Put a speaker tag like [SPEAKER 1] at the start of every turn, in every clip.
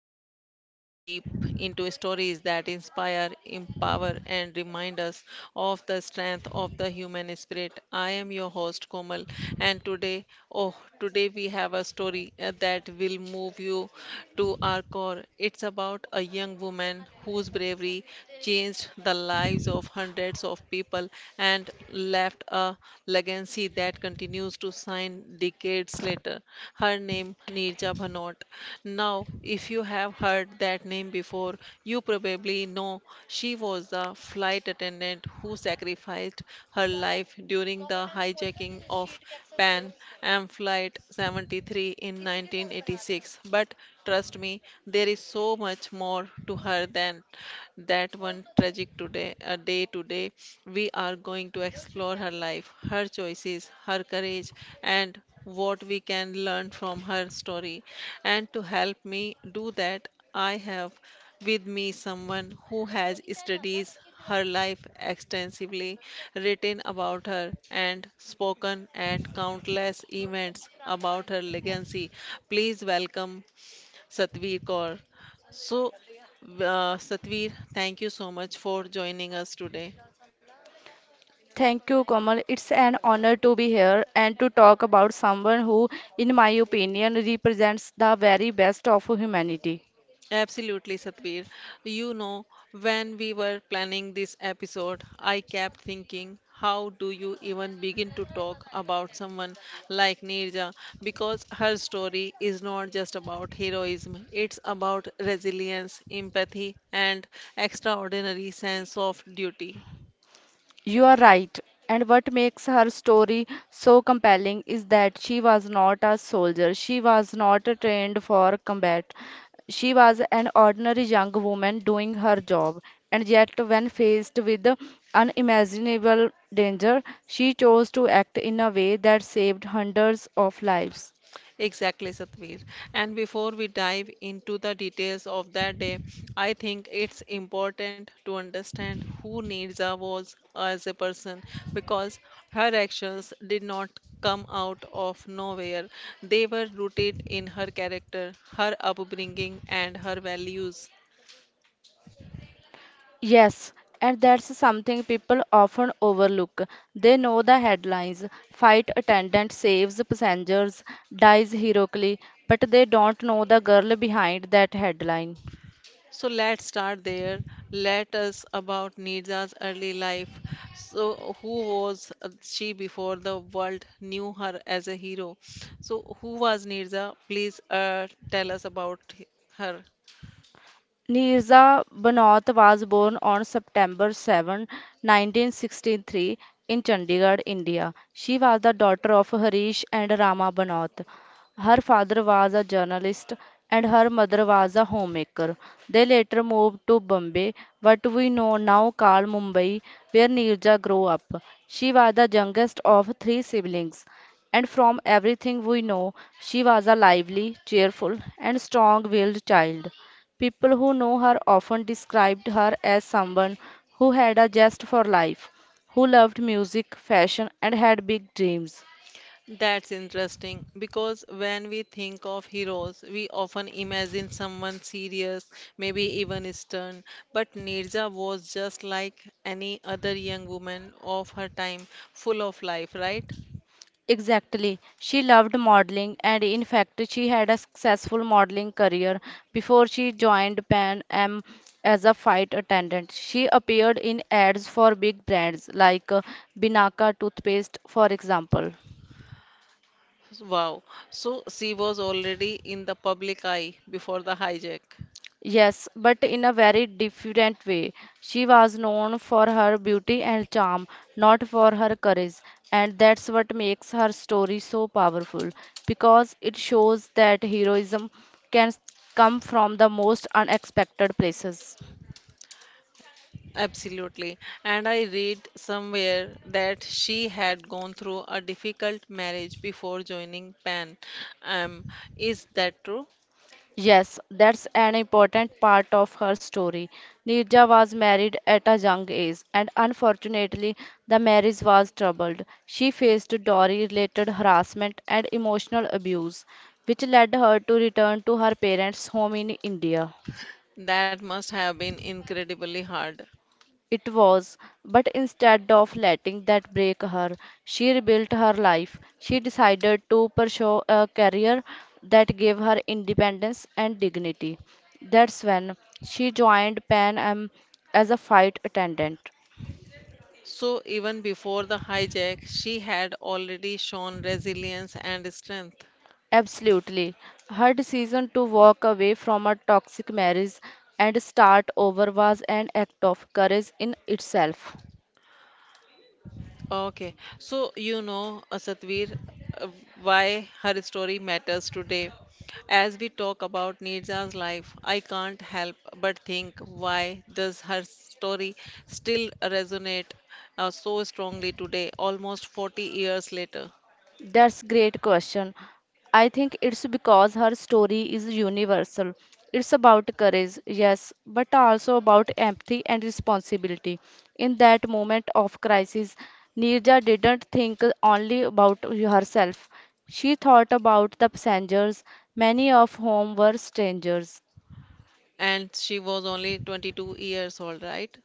[SPEAKER 1] we dive deep into stories that inspire, empower, and remind us of the strength of the human spirit. I am your host Komal, and today, oh, today we have a story that will move you to our core. It's about a young woman whose bravery changed the lives of hundreds of people and left a legacy that continues to shine decades later. Her name Neerja Bhanot. Now, if you have heard that name before, you probably know she was a flight attendant who sacrificed her life during the hijacking of Pan Am Flight 73 in 1986. But trust me, there is so much more to her than that one tragic today we are going to explore her life her choices her courage and what we can learn from her story and to help me do that I have with me, someone who has studied her life extensively, written about her, and spoken at countless events about her legacy. Please welcome Satveer Kaur. So, Satveer, thank you so much for joining us today.
[SPEAKER 2] Thank you, Kamal. It's an honor to be here and to talk about someone who, in my opinion, represents the very best of humanity.
[SPEAKER 1] Absolutely, Satbir. You know, when we were planning this episode, I kept thinking, how do you even begin to talk about someone like Neerja? Because her story is not just about heroism, it's about resilience, empathy, and extraordinary sense of duty.
[SPEAKER 2] You are right. And what makes her story so compelling is that she was not a soldier, she was not trained for combat. She was an ordinary young woman doing her job, and yet, when faced with unimaginable danger, she chose to act in a way that saved hundreds of lives.
[SPEAKER 1] Exactly, Satveer. And before we dive into the details of that day, I think it's important to understand who Neerja was as a person because her actions did not come out of nowhere. They were rooted in her character, her upbringing, and her values.
[SPEAKER 2] Yes, and that's something people often overlook. They know the headlines flight attendant saves passengers, dies heroically, but they don't know the girl behind that headline.
[SPEAKER 1] So let's start there. Let us about Nirja's early life. So who was she before the world knew her as a hero? So who was Nirja? Please tell us about her.
[SPEAKER 2] Nirza Banot was born on September 7, 1963, in Chandigarh, India. She was the daughter of Harish and Rama Banot. Her father was a journalist and her mother was a homemaker. They later moved to Bombay, what we know now called Mumbai, where Nirza grew up. She was the youngest of three siblings, and from everything we know, she was a lively, cheerful, and strong willed child. People who know her often described her as someone who had a zest for life, who loved music, fashion, and had big dreams.
[SPEAKER 1] That's interesting because when we think of heroes, we often imagine someone serious, maybe even stern. But Nirja was just like any other young woman of her time, full of life, right?
[SPEAKER 2] Exactly. She loved modeling, and in fact, she had a successful modeling career before she joined Pan Am as a flight attendant. She appeared in ads for big brands like Binaka toothpaste, for example.
[SPEAKER 1] Wow. So she was already in the public eye before the hijack.
[SPEAKER 2] Yes, but in a very different way. She was known for her beauty and charm, not for her courage. And that's what makes her story so powerful, because it shows that heroism can come from the most unexpected places.
[SPEAKER 1] Absolutely. And I read somewhere that she had gone through a difficult marriage before joining Pan. Um, is that true?
[SPEAKER 2] Yes, that's an important part of her story. Nirja was married at a young age, and unfortunately, the marriage was troubled. She faced dowry-related harassment and emotional abuse, which led her to return to her parents' home in India.
[SPEAKER 1] That must have been incredibly hard.
[SPEAKER 2] It was, but instead of letting that break her, she rebuilt her life. She decided to pursue a career that gave her independence and dignity. That's when she joined Pan Am as a flight attendant.
[SPEAKER 1] So even before the hijack, she had already shown resilience and strength.
[SPEAKER 2] Absolutely. Her decision to walk away from a toxic marriage and start over was an act of courage in itself.
[SPEAKER 1] Okay, so Satvir, uh, why her story matters today. As we talk about Nirja's life, I can't help but think why does her story still resonate so strongly today, almost 40 years later?
[SPEAKER 2] That's great question. I think it's because her story is universal. It's about courage, yes, but also about empathy and responsibility. In that moment of crisis, Nirja didn't think only about herself. She thought about the passengers, many of whom were strangers.
[SPEAKER 1] And she was only 22 years old, right?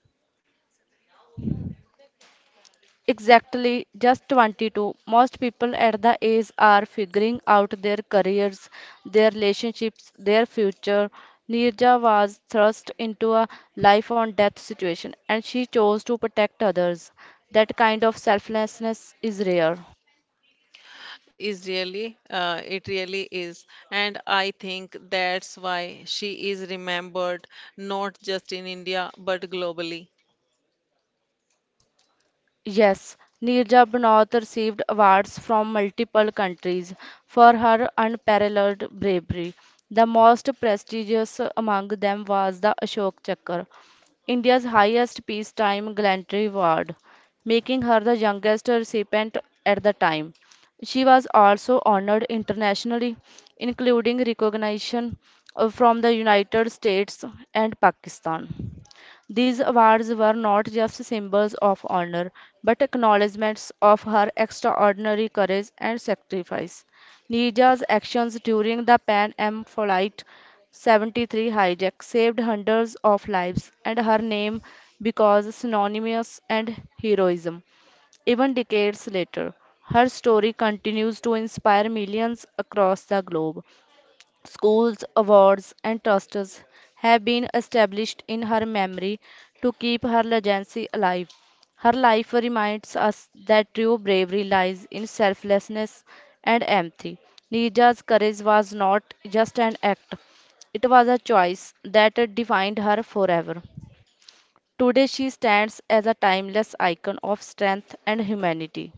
[SPEAKER 2] Exactly, just 22. Most people at the age are figuring out their careers, their relationships, their future. Nirja was thrust into a life on death situation and she chose to protect others. That kind of selflessness is rare.
[SPEAKER 1] Is really, it really is. And I think that's why she is remembered not just in India but globally.
[SPEAKER 2] Yes, Neerja Banot received awards from multiple countries for her unparalleled bravery. The most prestigious among them was the Ashok Chakra, India's highest peacetime gallantry award, making her the youngest recipient at the time. She was also honored internationally, including recognition from the United States and Pakistan. These awards were not just symbols of honor, but acknowledgments of her extraordinary courage and sacrifice. Nija's actions during the Pan Am Flight 73 hijack saved hundreds of lives, and her name becomes synonymous and heroism. Even decades later, her story continues to inspire millions across the globe. Schools, awards, and trusts have been established in her memory to keep her legacy alive. Her life reminds us that true bravery lies in selflessness and empathy. Nija's courage was not just an act, it was a choice that defined her forever. Today, she stands as a timeless icon of strength and humanity.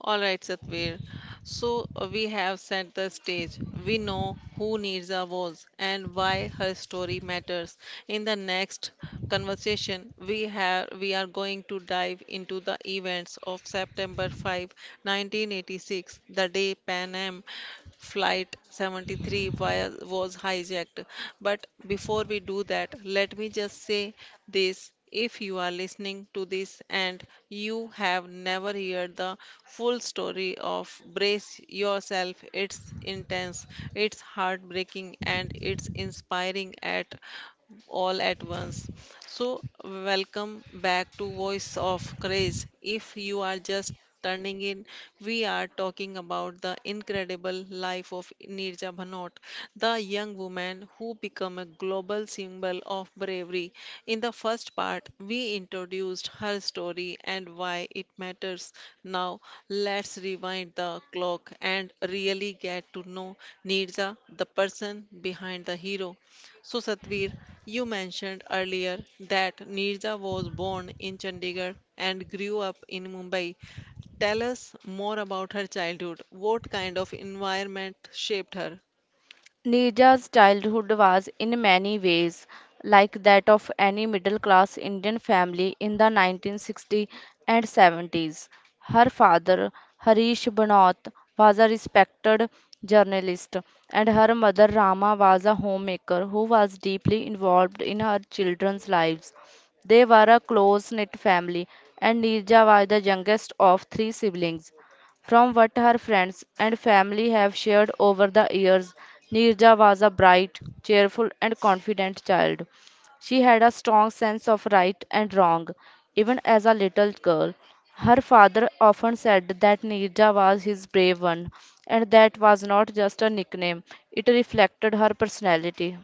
[SPEAKER 1] All right, Satvir. So we have set the stage. We know who Nirza was and why her story matters. In the next conversation, we are going to dive into the events of September 5, 1986, the day Pan Am Flight 73 via was hijacked. But before we do that, let me just say this. If you are listening to this and you have never heard the full story of Brace Yourself, it's intense, it's heartbreaking, and it's inspiring at all at once. So, welcome back to Voice of Craze. If you are just turning in, we are talking about the incredible life of Neerja Bhanot, the young woman who became a global symbol of bravery. In the first part, we introduced her story and why it matters. Now, let's rewind the clock and really get to know Neerja, the person behind the hero. So, Satvir, you mentioned earlier that Nirja was born in Chandigarh and grew up in Mumbai. Tell us more about her childhood. What kind of environment shaped her?
[SPEAKER 2] Neerja's childhood was in many ways like that of any middle class Indian family in the 1960s and 70s. Her father, Harish Banoth, was a respected journalist, and her mother, Rama, was a homemaker who was deeply involved in her children's lives. They were a close knit family, and Neerja was the youngest of three siblings. From what her friends and family have shared over the years, Neerja was a bright, cheerful, and confident child. She had a strong sense of right and wrong, even as a little girl. Her father often said that Neerja was his brave one, and that was not just a nickname, it reflected her personality.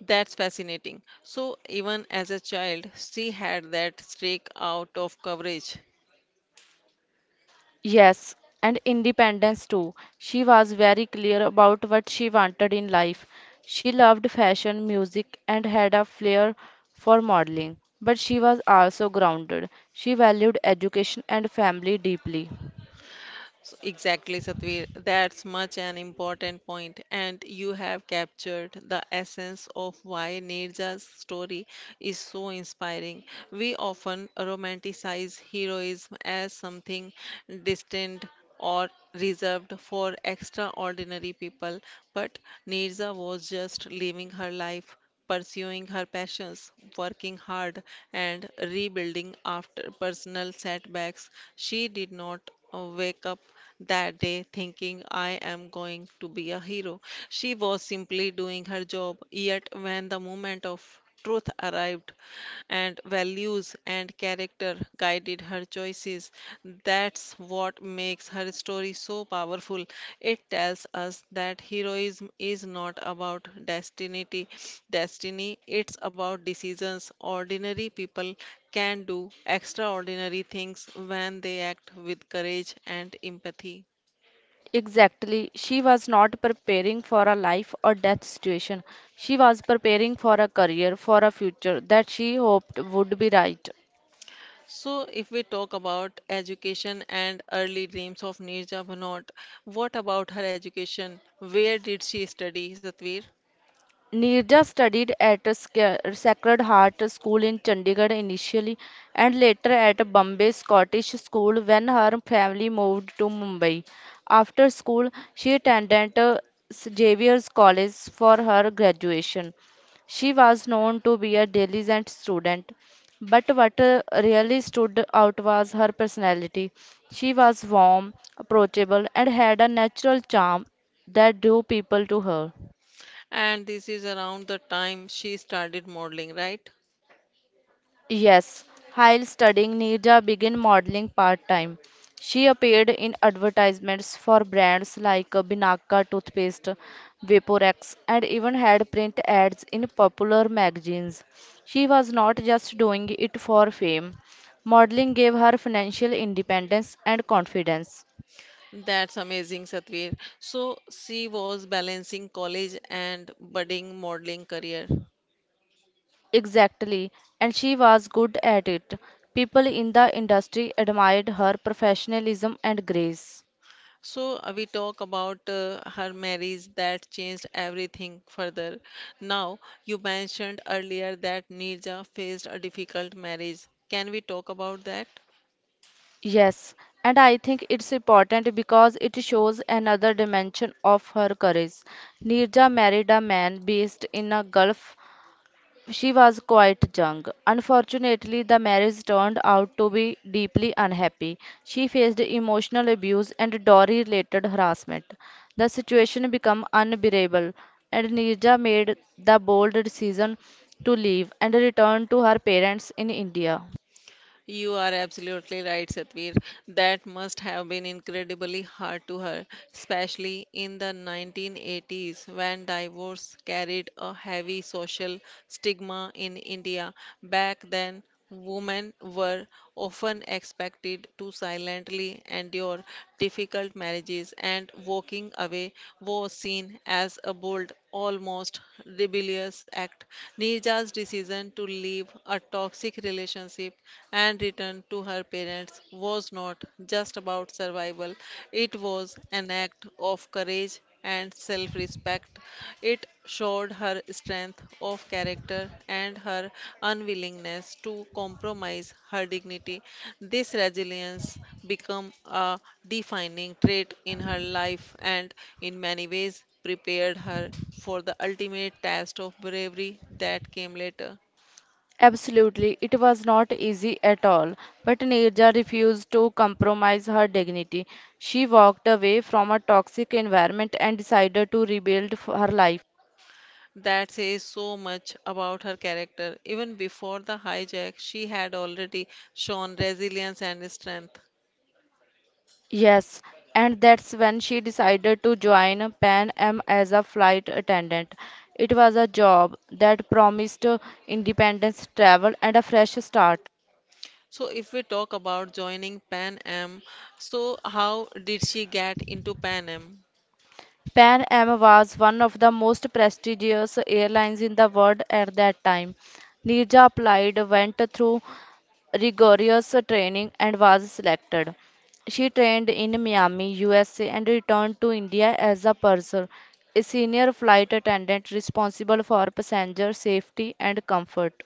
[SPEAKER 1] That's fascinating. So, even as a child, she had that streak out of coverage.
[SPEAKER 2] Yes, and independence too. She was very clear about what she wanted in life. She loved fashion, music, and had a flair for modeling. But she was also grounded. She valued education and family deeply.
[SPEAKER 1] So exactly, Satvir. That's much an important point, and you have captured the essence of why Nirja's story is so inspiring. We often romanticize heroism as something distant or reserved for extraordinary people, but Nirja was just living her life pursuing her passions, working hard, and rebuilding after personal setbacks. She did not wake up that day thinking, I am going to be a hero. She was simply doing her job, yet, when the moment of truth arrived, and values and character guided her choices. That's what makes her story so powerful. It tells us that heroism is not about destiny, it's about decisions ordinary people can do extraordinary things when they act with courage and empathy.
[SPEAKER 2] Exactly. She was not preparing for a life or death situation. She was preparing for a career, for a future that she hoped would be right.
[SPEAKER 1] So, if we talk about education and early dreams of Neerja Bhanot, what about her education? Where did she study, Satvir?
[SPEAKER 2] Nirja studied at Sacred Heart School in Chandigarh initially and later at Bombay Scottish School when her family moved to Mumbai. After school, she attended Xavier's College for her graduation. She was known to be a diligent student, but what really stood out was her personality. She was warm, approachable, and had a natural charm that drew people to her.
[SPEAKER 1] And this is around the time she started modeling, right?
[SPEAKER 2] Yes, while studying, Neerja began modeling part-time. She appeared in advertisements for brands like Binaka toothpaste, Vaporex, and even had print ads in popular magazines. She was not just doing it for fame. Modeling gave her financial independence and confidence.
[SPEAKER 1] That's amazing, Satvir. So, she was balancing college and budding modeling career.
[SPEAKER 2] Exactly, and she was good at it. People in the industry admired her professionalism and grace.
[SPEAKER 1] So we talk about her marriage that changed everything further. Now you mentioned earlier that Nirja faced a difficult marriage. Can we talk about that?
[SPEAKER 2] Yes, and I think it's important because it shows another dimension of her courage. Nirja married a man based in a Gulf. She was quite young. Unfortunately, the marriage turned out to be deeply unhappy. She faced emotional abuse and dowry related harassment. The situation became unbearable, and Nirja made the bold decision to leave and return to her parents in India.
[SPEAKER 1] You are absolutely right, Satvir. That must have been incredibly hard to her, especially in the 1980s when divorce carried a heavy social stigma in India. Back then, women were often expected to silently endure difficult marriages, and walking away was seen as a bold, almost rebellious act. Neerja's decision to leave a toxic relationship and return to her parents was not just about survival, it was an act of courage and self respect. It showed her strength of character and her unwillingness to compromise her dignity. This resilience became a defining trait in her life and, in many ways, prepared her for the ultimate test of bravery that came later.
[SPEAKER 2] Absolutely, it was not easy at all, but Neerja refused to compromise her dignity. She walked away from a toxic environment and decided to her life.
[SPEAKER 1] That says so much about her character. Even before the hijack, she had already shown resilience and strength.
[SPEAKER 2] Yes, and that's when she decided to join Pan Am as a flight attendant. It was a job that promised independence, travel, and a fresh start.
[SPEAKER 1] So, if we talk about joining Pan Am, so how did she get into Pan Am?
[SPEAKER 2] Pan Am was one of the most prestigious airlines in the world at that time. Neerja applied, went through rigorous training and was selected. She trained in Miami, USA, and returned to India as a purser, a senior flight attendant responsible for passenger safety and comfort.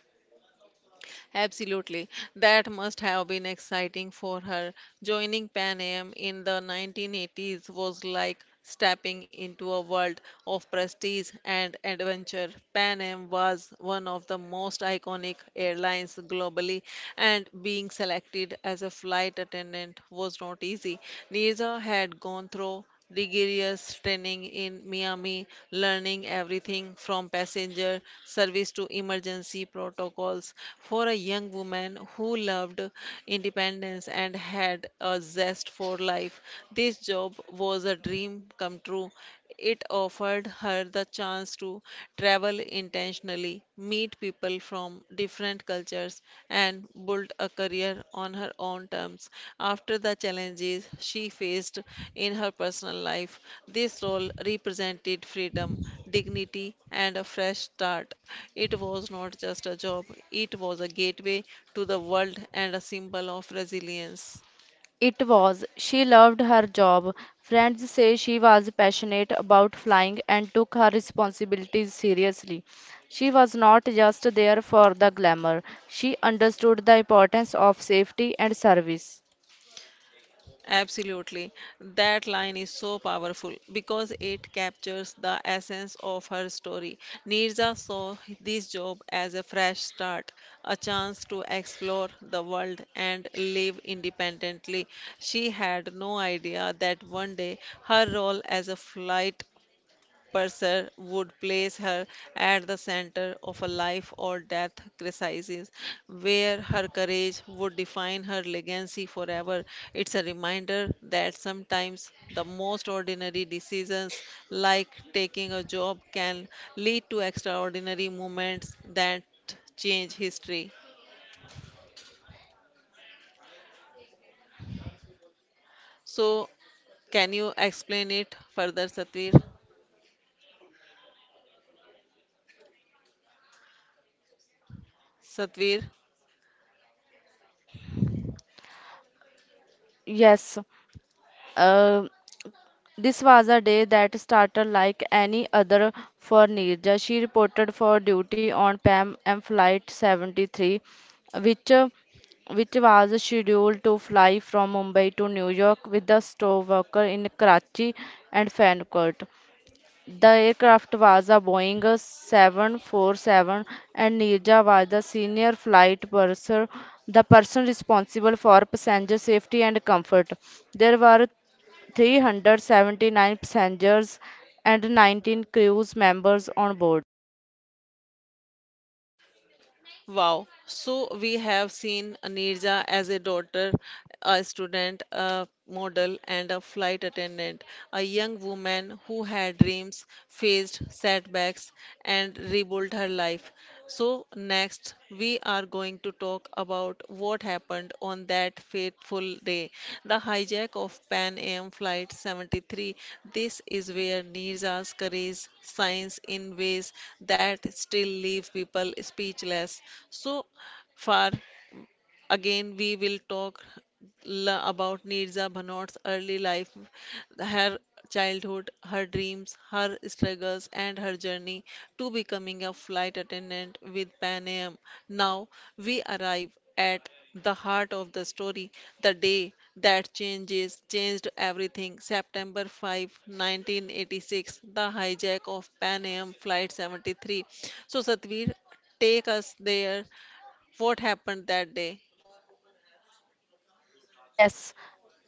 [SPEAKER 1] Absolutely. That must have been exciting for her. Joining Pan Am in the 1980s was like stepping into a world of prestige and adventure. Pan Am was one of the most iconic airlines globally, and being selected as a flight attendant was not easy. Nisa had gone through rigorous training in Miami, learning everything from passenger service to emergency protocols. For a young woman who loved independence and had a zest for life, this job was a dream come true. It offered her the chance to travel intentionally, meet people from different cultures, and build a career on her own terms. After the challenges she faced in her personal life, this role represented freedom, dignity, and a fresh start. It was not just a job, it was a gateway to the world and a symbol of resilience.
[SPEAKER 2] It was. She loved her job. Friends say she was passionate about flying and took her responsibilities seriously. She was not just there for the glamour, she understood the importance of safety and service.
[SPEAKER 1] Absolutely. That line is so powerful because it captures the essence of her story. Nirja saw this job as a fresh start, a chance to explore the world and live independently. She had no idea that one day her role as a flight Purser would place her at the center of a life or death crisis where her courage would define her legacy forever. It's a reminder that sometimes the most ordinary decisions, like taking a job, can lead to extraordinary moments that change history. So, can you explain it further, Satvir? Satvir?
[SPEAKER 2] Yes, uh, this was a day that started like any other for Neerja. She reported for duty on Pan Am Flight 73, which uh, which was scheduled to fly from Mumbai to New York with the store worker in Karachi and Frankfurt. The aircraft was a Boeing 747 and Nirja was the senior flight purser, the person responsible for passenger safety and comfort. There were 379 passengers and 19 crew members on board.
[SPEAKER 1] Wow. So we have seen Neerja as a daughter, a student, a model, and a flight attendant, a young woman who had dreams, faced setbacks, and rebuilt her life. So next, we are going to talk about what happened on that fateful day, the hijack of Pan Am Flight 73. This is where Nirja's courage shines in ways that still leave people speechless. So far, Again, we will talk about Nirza Bhanot's early life, her childhood, her dreams, her struggles, and her journey to becoming a flight attendant with Pan Am. Now, we arrive at the heart of the story, the day that changes changed everything. September 5, 1986, the hijack of Pan Am Flight 73. So, Satvir, take us there. What happened that day?
[SPEAKER 2] Yes,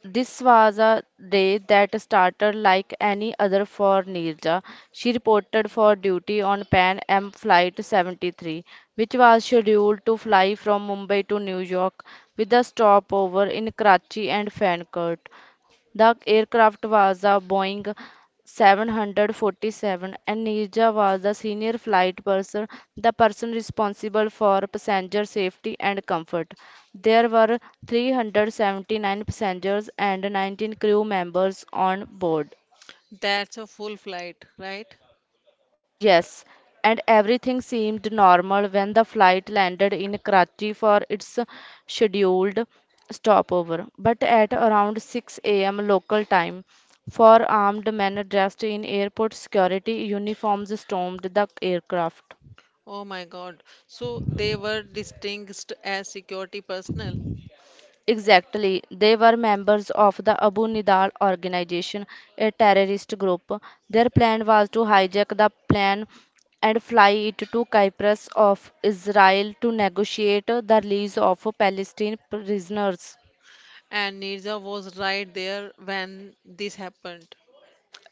[SPEAKER 2] this was a day that started like any other for Neerja. She reported for duty on Pan Am Flight 73, which was scheduled to fly from Mumbai to New York with a stopover in Karachi and Frankfurt. The aircraft was a Boeing 747 and Neerja was the senior flight person, the person responsible for passenger safety and comfort. There were 379 passengers and 19 crew members on board.
[SPEAKER 1] That's a full flight, right?
[SPEAKER 2] Yes, and everything seemed normal when the flight landed in Karachi for its scheduled stopover. But at around 6 a.m. local time, four armed men dressed in airport security uniforms stormed the aircraft.
[SPEAKER 1] Oh my God. So they were distinguished as security personnel,
[SPEAKER 2] Exactly. They were members of the Abu Nidal organization, a terrorist group. Their plan was to hijack the plane and fly it to Cyprus of Israel to negotiate the release of Palestinian prisoners.
[SPEAKER 1] and Nirja was right there when this happened.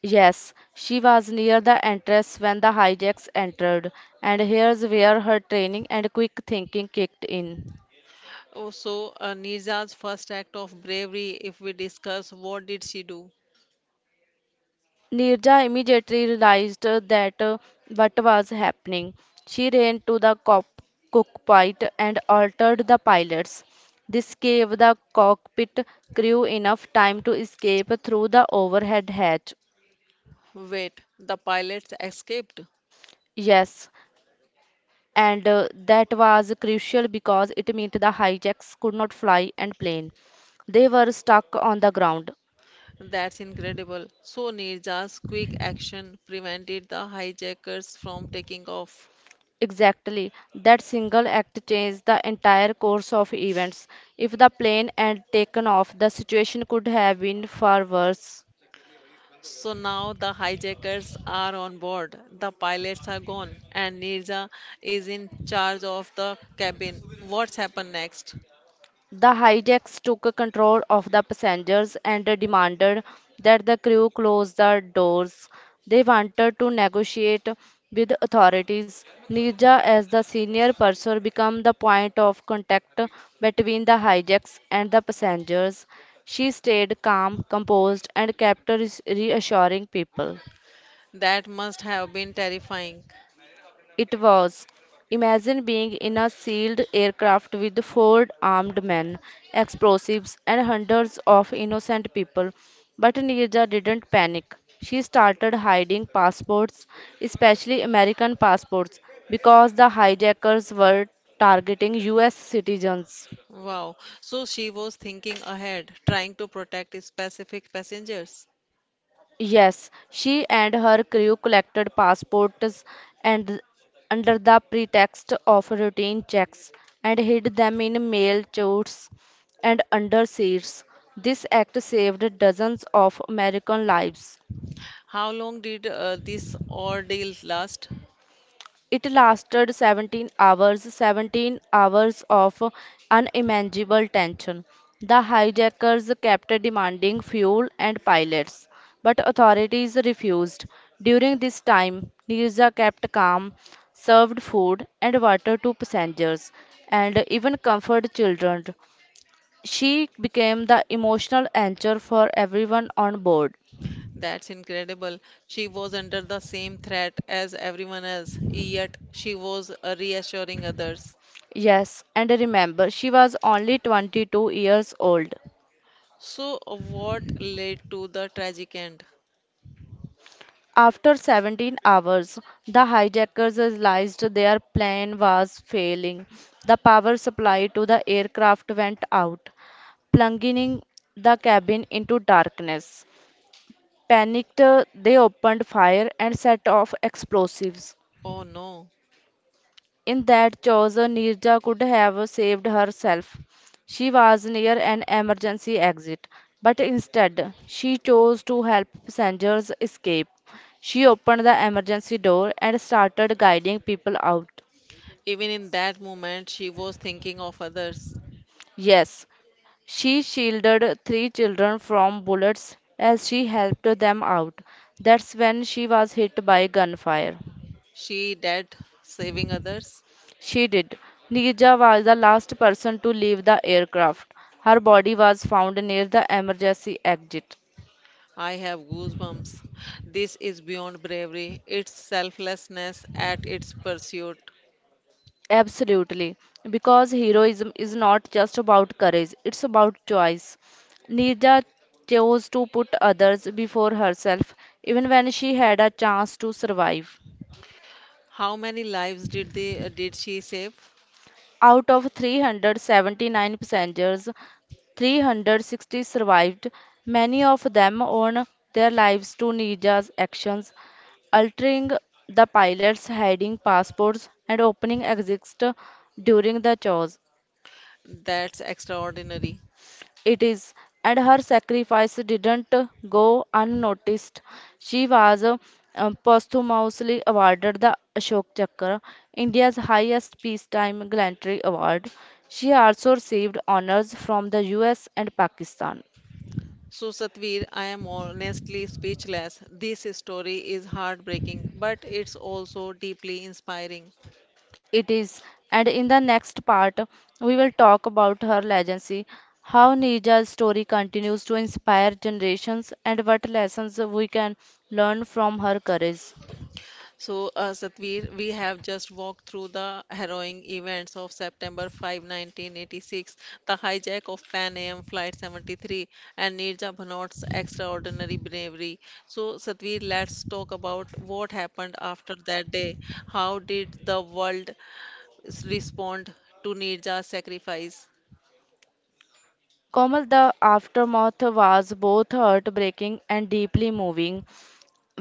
[SPEAKER 2] Yes, she was near the entrance when the hijacks entered, and here's where her training and quick thinking kicked in.
[SPEAKER 1] Oh, so Nirja's first act of bravery, if we discuss what did she do?
[SPEAKER 2] Nirja immediately realized that what was happening. She ran to the cockpit and altered the pilots. This gave the cockpit crew enough time to escape through the overhead hatch.
[SPEAKER 1] Wait, the pilots escaped.
[SPEAKER 2] Yes, and that was crucial because it meant the hijacks could not fly and plane. They were stuck on the ground.
[SPEAKER 1] That's incredible. So Nirja's quick action prevented the hijackers from taking off.
[SPEAKER 2] Exactly. That single act changed the entire course of events. If the plane had taken off, the situation could have been far worse.
[SPEAKER 1] So now the hijackers are on board, the pilots are gone, and Nirja is in charge of the cabin. What's happened next?
[SPEAKER 2] The hijacks took control of the passengers and demanded that the crew close the doors. They wanted to negotiate with authorities. Nirja, as the senior purser, became the point of contact between the hijacks and the passengers. She stayed calm, composed, and kept reassuring people.
[SPEAKER 1] That must have been terrifying.
[SPEAKER 2] It was. Imagine being in a sealed aircraft with four armed men, explosives, and hundreds of innocent people. But Nirja didn't panic. She started hiding passports, especially American passports, because the hijackers were targeting US citizens.
[SPEAKER 1] Wow. So she was thinking ahead, trying to protect specific passengers.
[SPEAKER 2] Yes, she and her crew collected passports and under the pretext of routine checks and hid them in mail chutes and under seats. This act saved dozens of American lives.
[SPEAKER 1] How long did this ordeal last?
[SPEAKER 2] It lasted 17 hours, 17 hours of unimaginable tension. The hijackers kept demanding fuel and pilots, but authorities refused. During this time, Nirza kept calm, served food and water to passengers, and even comforted children. She became the emotional anchor for everyone on board.
[SPEAKER 1] That's incredible. She was under the same threat as everyone else, yet she was reassuring others.
[SPEAKER 2] Yes, and remember, she was only 22 years old.
[SPEAKER 1] So, what led to the tragic end?
[SPEAKER 2] After 17 hours, the hijackers realized their plan was failing. The power supply to the aircraft went out, plunging the cabin into darkness. Panicked, they opened fire and set off explosives.
[SPEAKER 1] Oh no.
[SPEAKER 2] In that choice, Nirja could have saved herself. She was near an emergency exit, but instead, she chose to help passengers escape. She opened the emergency door and started guiding people out.
[SPEAKER 1] Even in that moment, she was thinking of others.
[SPEAKER 2] Yes, she shielded three children from bullets as she helped them out. That's when she was hit by gunfire.
[SPEAKER 1] She dead saving others.
[SPEAKER 2] She did. Nija was the last person to leave the aircraft. Her body was found near the emergency exit.
[SPEAKER 1] I have goosebumps. This is beyond bravery. It's selflessness at its pursuit.
[SPEAKER 2] Absolutely. Because heroism is not just about courage, it's about choice. Nija chose to put others before herself, even when she had a chance to survive.
[SPEAKER 1] How many lives did they did she save?
[SPEAKER 2] Out of 379 passengers, 360 survived, many of them owed their lives to Nija's actions, altering the pilots' hiding passports and opening exits during the chase.
[SPEAKER 1] That's extraordinary.
[SPEAKER 2] It is, and her sacrifice didn't go unnoticed. She was posthumously awarded the Ashok Chakra, India's highest peacetime gallantry award. She also received honors from the US and Pakistan.
[SPEAKER 1] So, Satvir, I am honestly speechless. This story is heartbreaking, but it's also deeply inspiring.
[SPEAKER 2] It is, and in the next part, we will talk about her legacy, how Neeja's story continues to inspire generations, and what lessons we can learn from her courage.
[SPEAKER 1] So, Satveer, we have just walked through the harrowing events of September 5, 1986, the hijack of Pan Am Flight 73, and Nirja Bhanot's extraordinary bravery. So, Satveer, let's talk about what happened after that day. How did the world respond to Nirja's sacrifice?
[SPEAKER 2] Komal, the aftermath was both heartbreaking and deeply moving.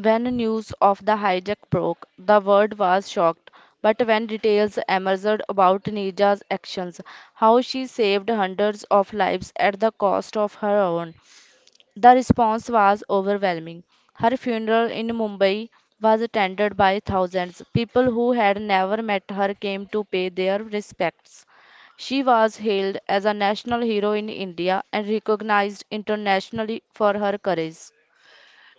[SPEAKER 2] When news of the hijack broke, the world was shocked. But when details emerged about Nija's actions, how she saved hundreds of lives at the cost of her own, the response was overwhelming. Her funeral in Mumbai was attended by thousands. People who had never met her came to pay their respects. She was hailed as a national hero in India and recognized internationally for her courage.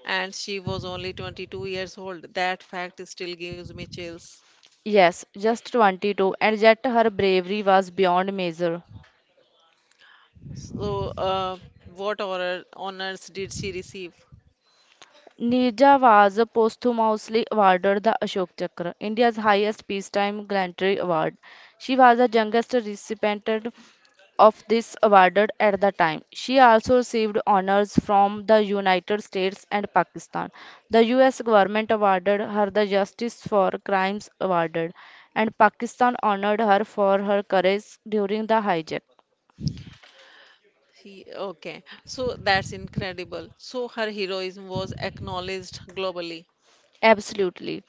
[SPEAKER 1] And she was only 22 years old. That fact still gives me chills.
[SPEAKER 2] Yes, just 22, and yet her bravery was beyond measure.
[SPEAKER 1] So, what honors did she receive?
[SPEAKER 2] Nirja was posthumously awarded the Ashok Chakra, India's highest peacetime gallantry award. She was the youngest recipient of this award at the time. She also received honors from the United States and Pakistan. The US government awarded her the Justice for Crimes Award, and Pakistan honored her for her courage during the hijack.
[SPEAKER 1] He, okay, so that's incredible. So her heroism was acknowledged globally.
[SPEAKER 2] Absolutely.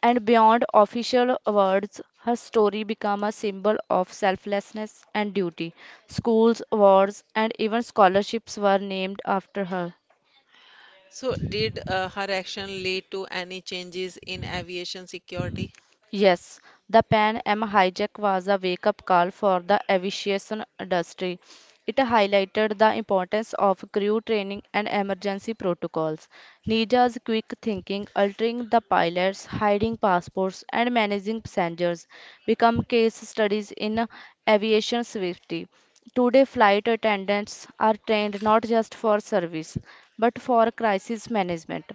[SPEAKER 2] And beyond official awards, her story became a symbol of selflessness and duty. Schools, awards, and even scholarships were named after her.
[SPEAKER 1] So did her action lead to any changes in aviation security?
[SPEAKER 2] Yes, the Pan Am hijack was a wake up call for the aviation industry. It highlighted the importance of crew training and emergency protocols. Nija's quick thinking, altering the pilots, hiding passports, and managing passengers become case studies in aviation safety. Today, flight attendants are trained not just for service but for crisis management.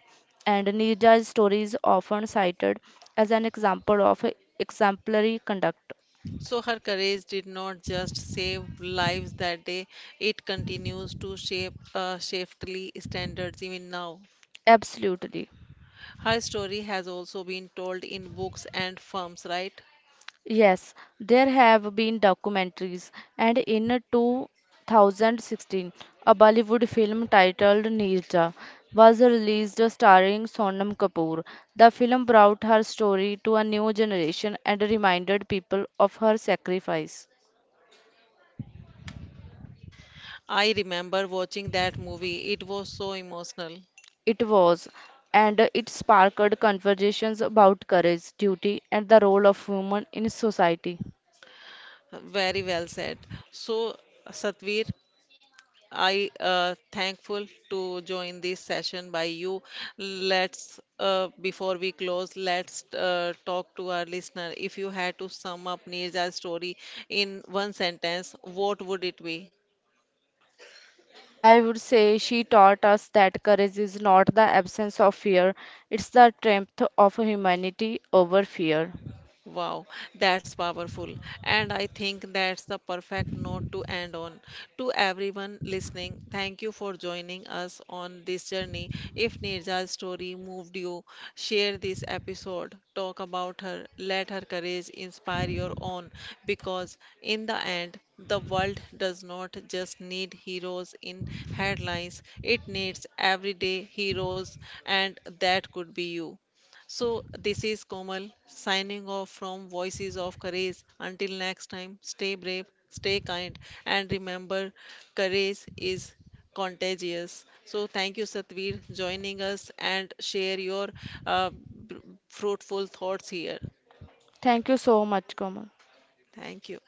[SPEAKER 2] And Nija's story is often cited as an example of exemplary conduct.
[SPEAKER 1] So her courage did not just save lives that day, it continues to shape safety standards even now.
[SPEAKER 2] Absolutely.
[SPEAKER 1] Her story has also been told in books and films, right?
[SPEAKER 2] Yes, there have been documentaries, and in 2016, a Bollywood film titled Nirja was released starring Sonam Kapoor. The film brought her story to a new generation and reminded people of her sacrifice.
[SPEAKER 1] I remember watching that movie. It was so emotional.
[SPEAKER 2] It was, and it sparked conversations about courage, duty, and the role of women in society.
[SPEAKER 1] Very well said. So, Satvir, I thankful to join this session by you. Let's before we close, let's talk to our listener. If you had to sum up Neerja's story in one sentence, what would it be?
[SPEAKER 2] I would say she taught us that courage is not the absence of fear, it's the strength of humanity over fear.
[SPEAKER 1] Wow, that's powerful. And I think that's the perfect note to end on. To everyone listening, thank you for joining us on this journey. If Nirja's story moved you, share this episode, talk about her, let her courage inspire your own, because in the end, the world does not just need heroes in headlines, it needs everyday heroes, and that could be you. So, this is Komal signing off from Voices of Courage. Until next time, stay brave, stay kind, and remember, courage is contagious. So, thank you, Satvir, joining us and share your uh, br- fruitful thoughts here.
[SPEAKER 2] Thank you so much, Komal.
[SPEAKER 1] Thank you.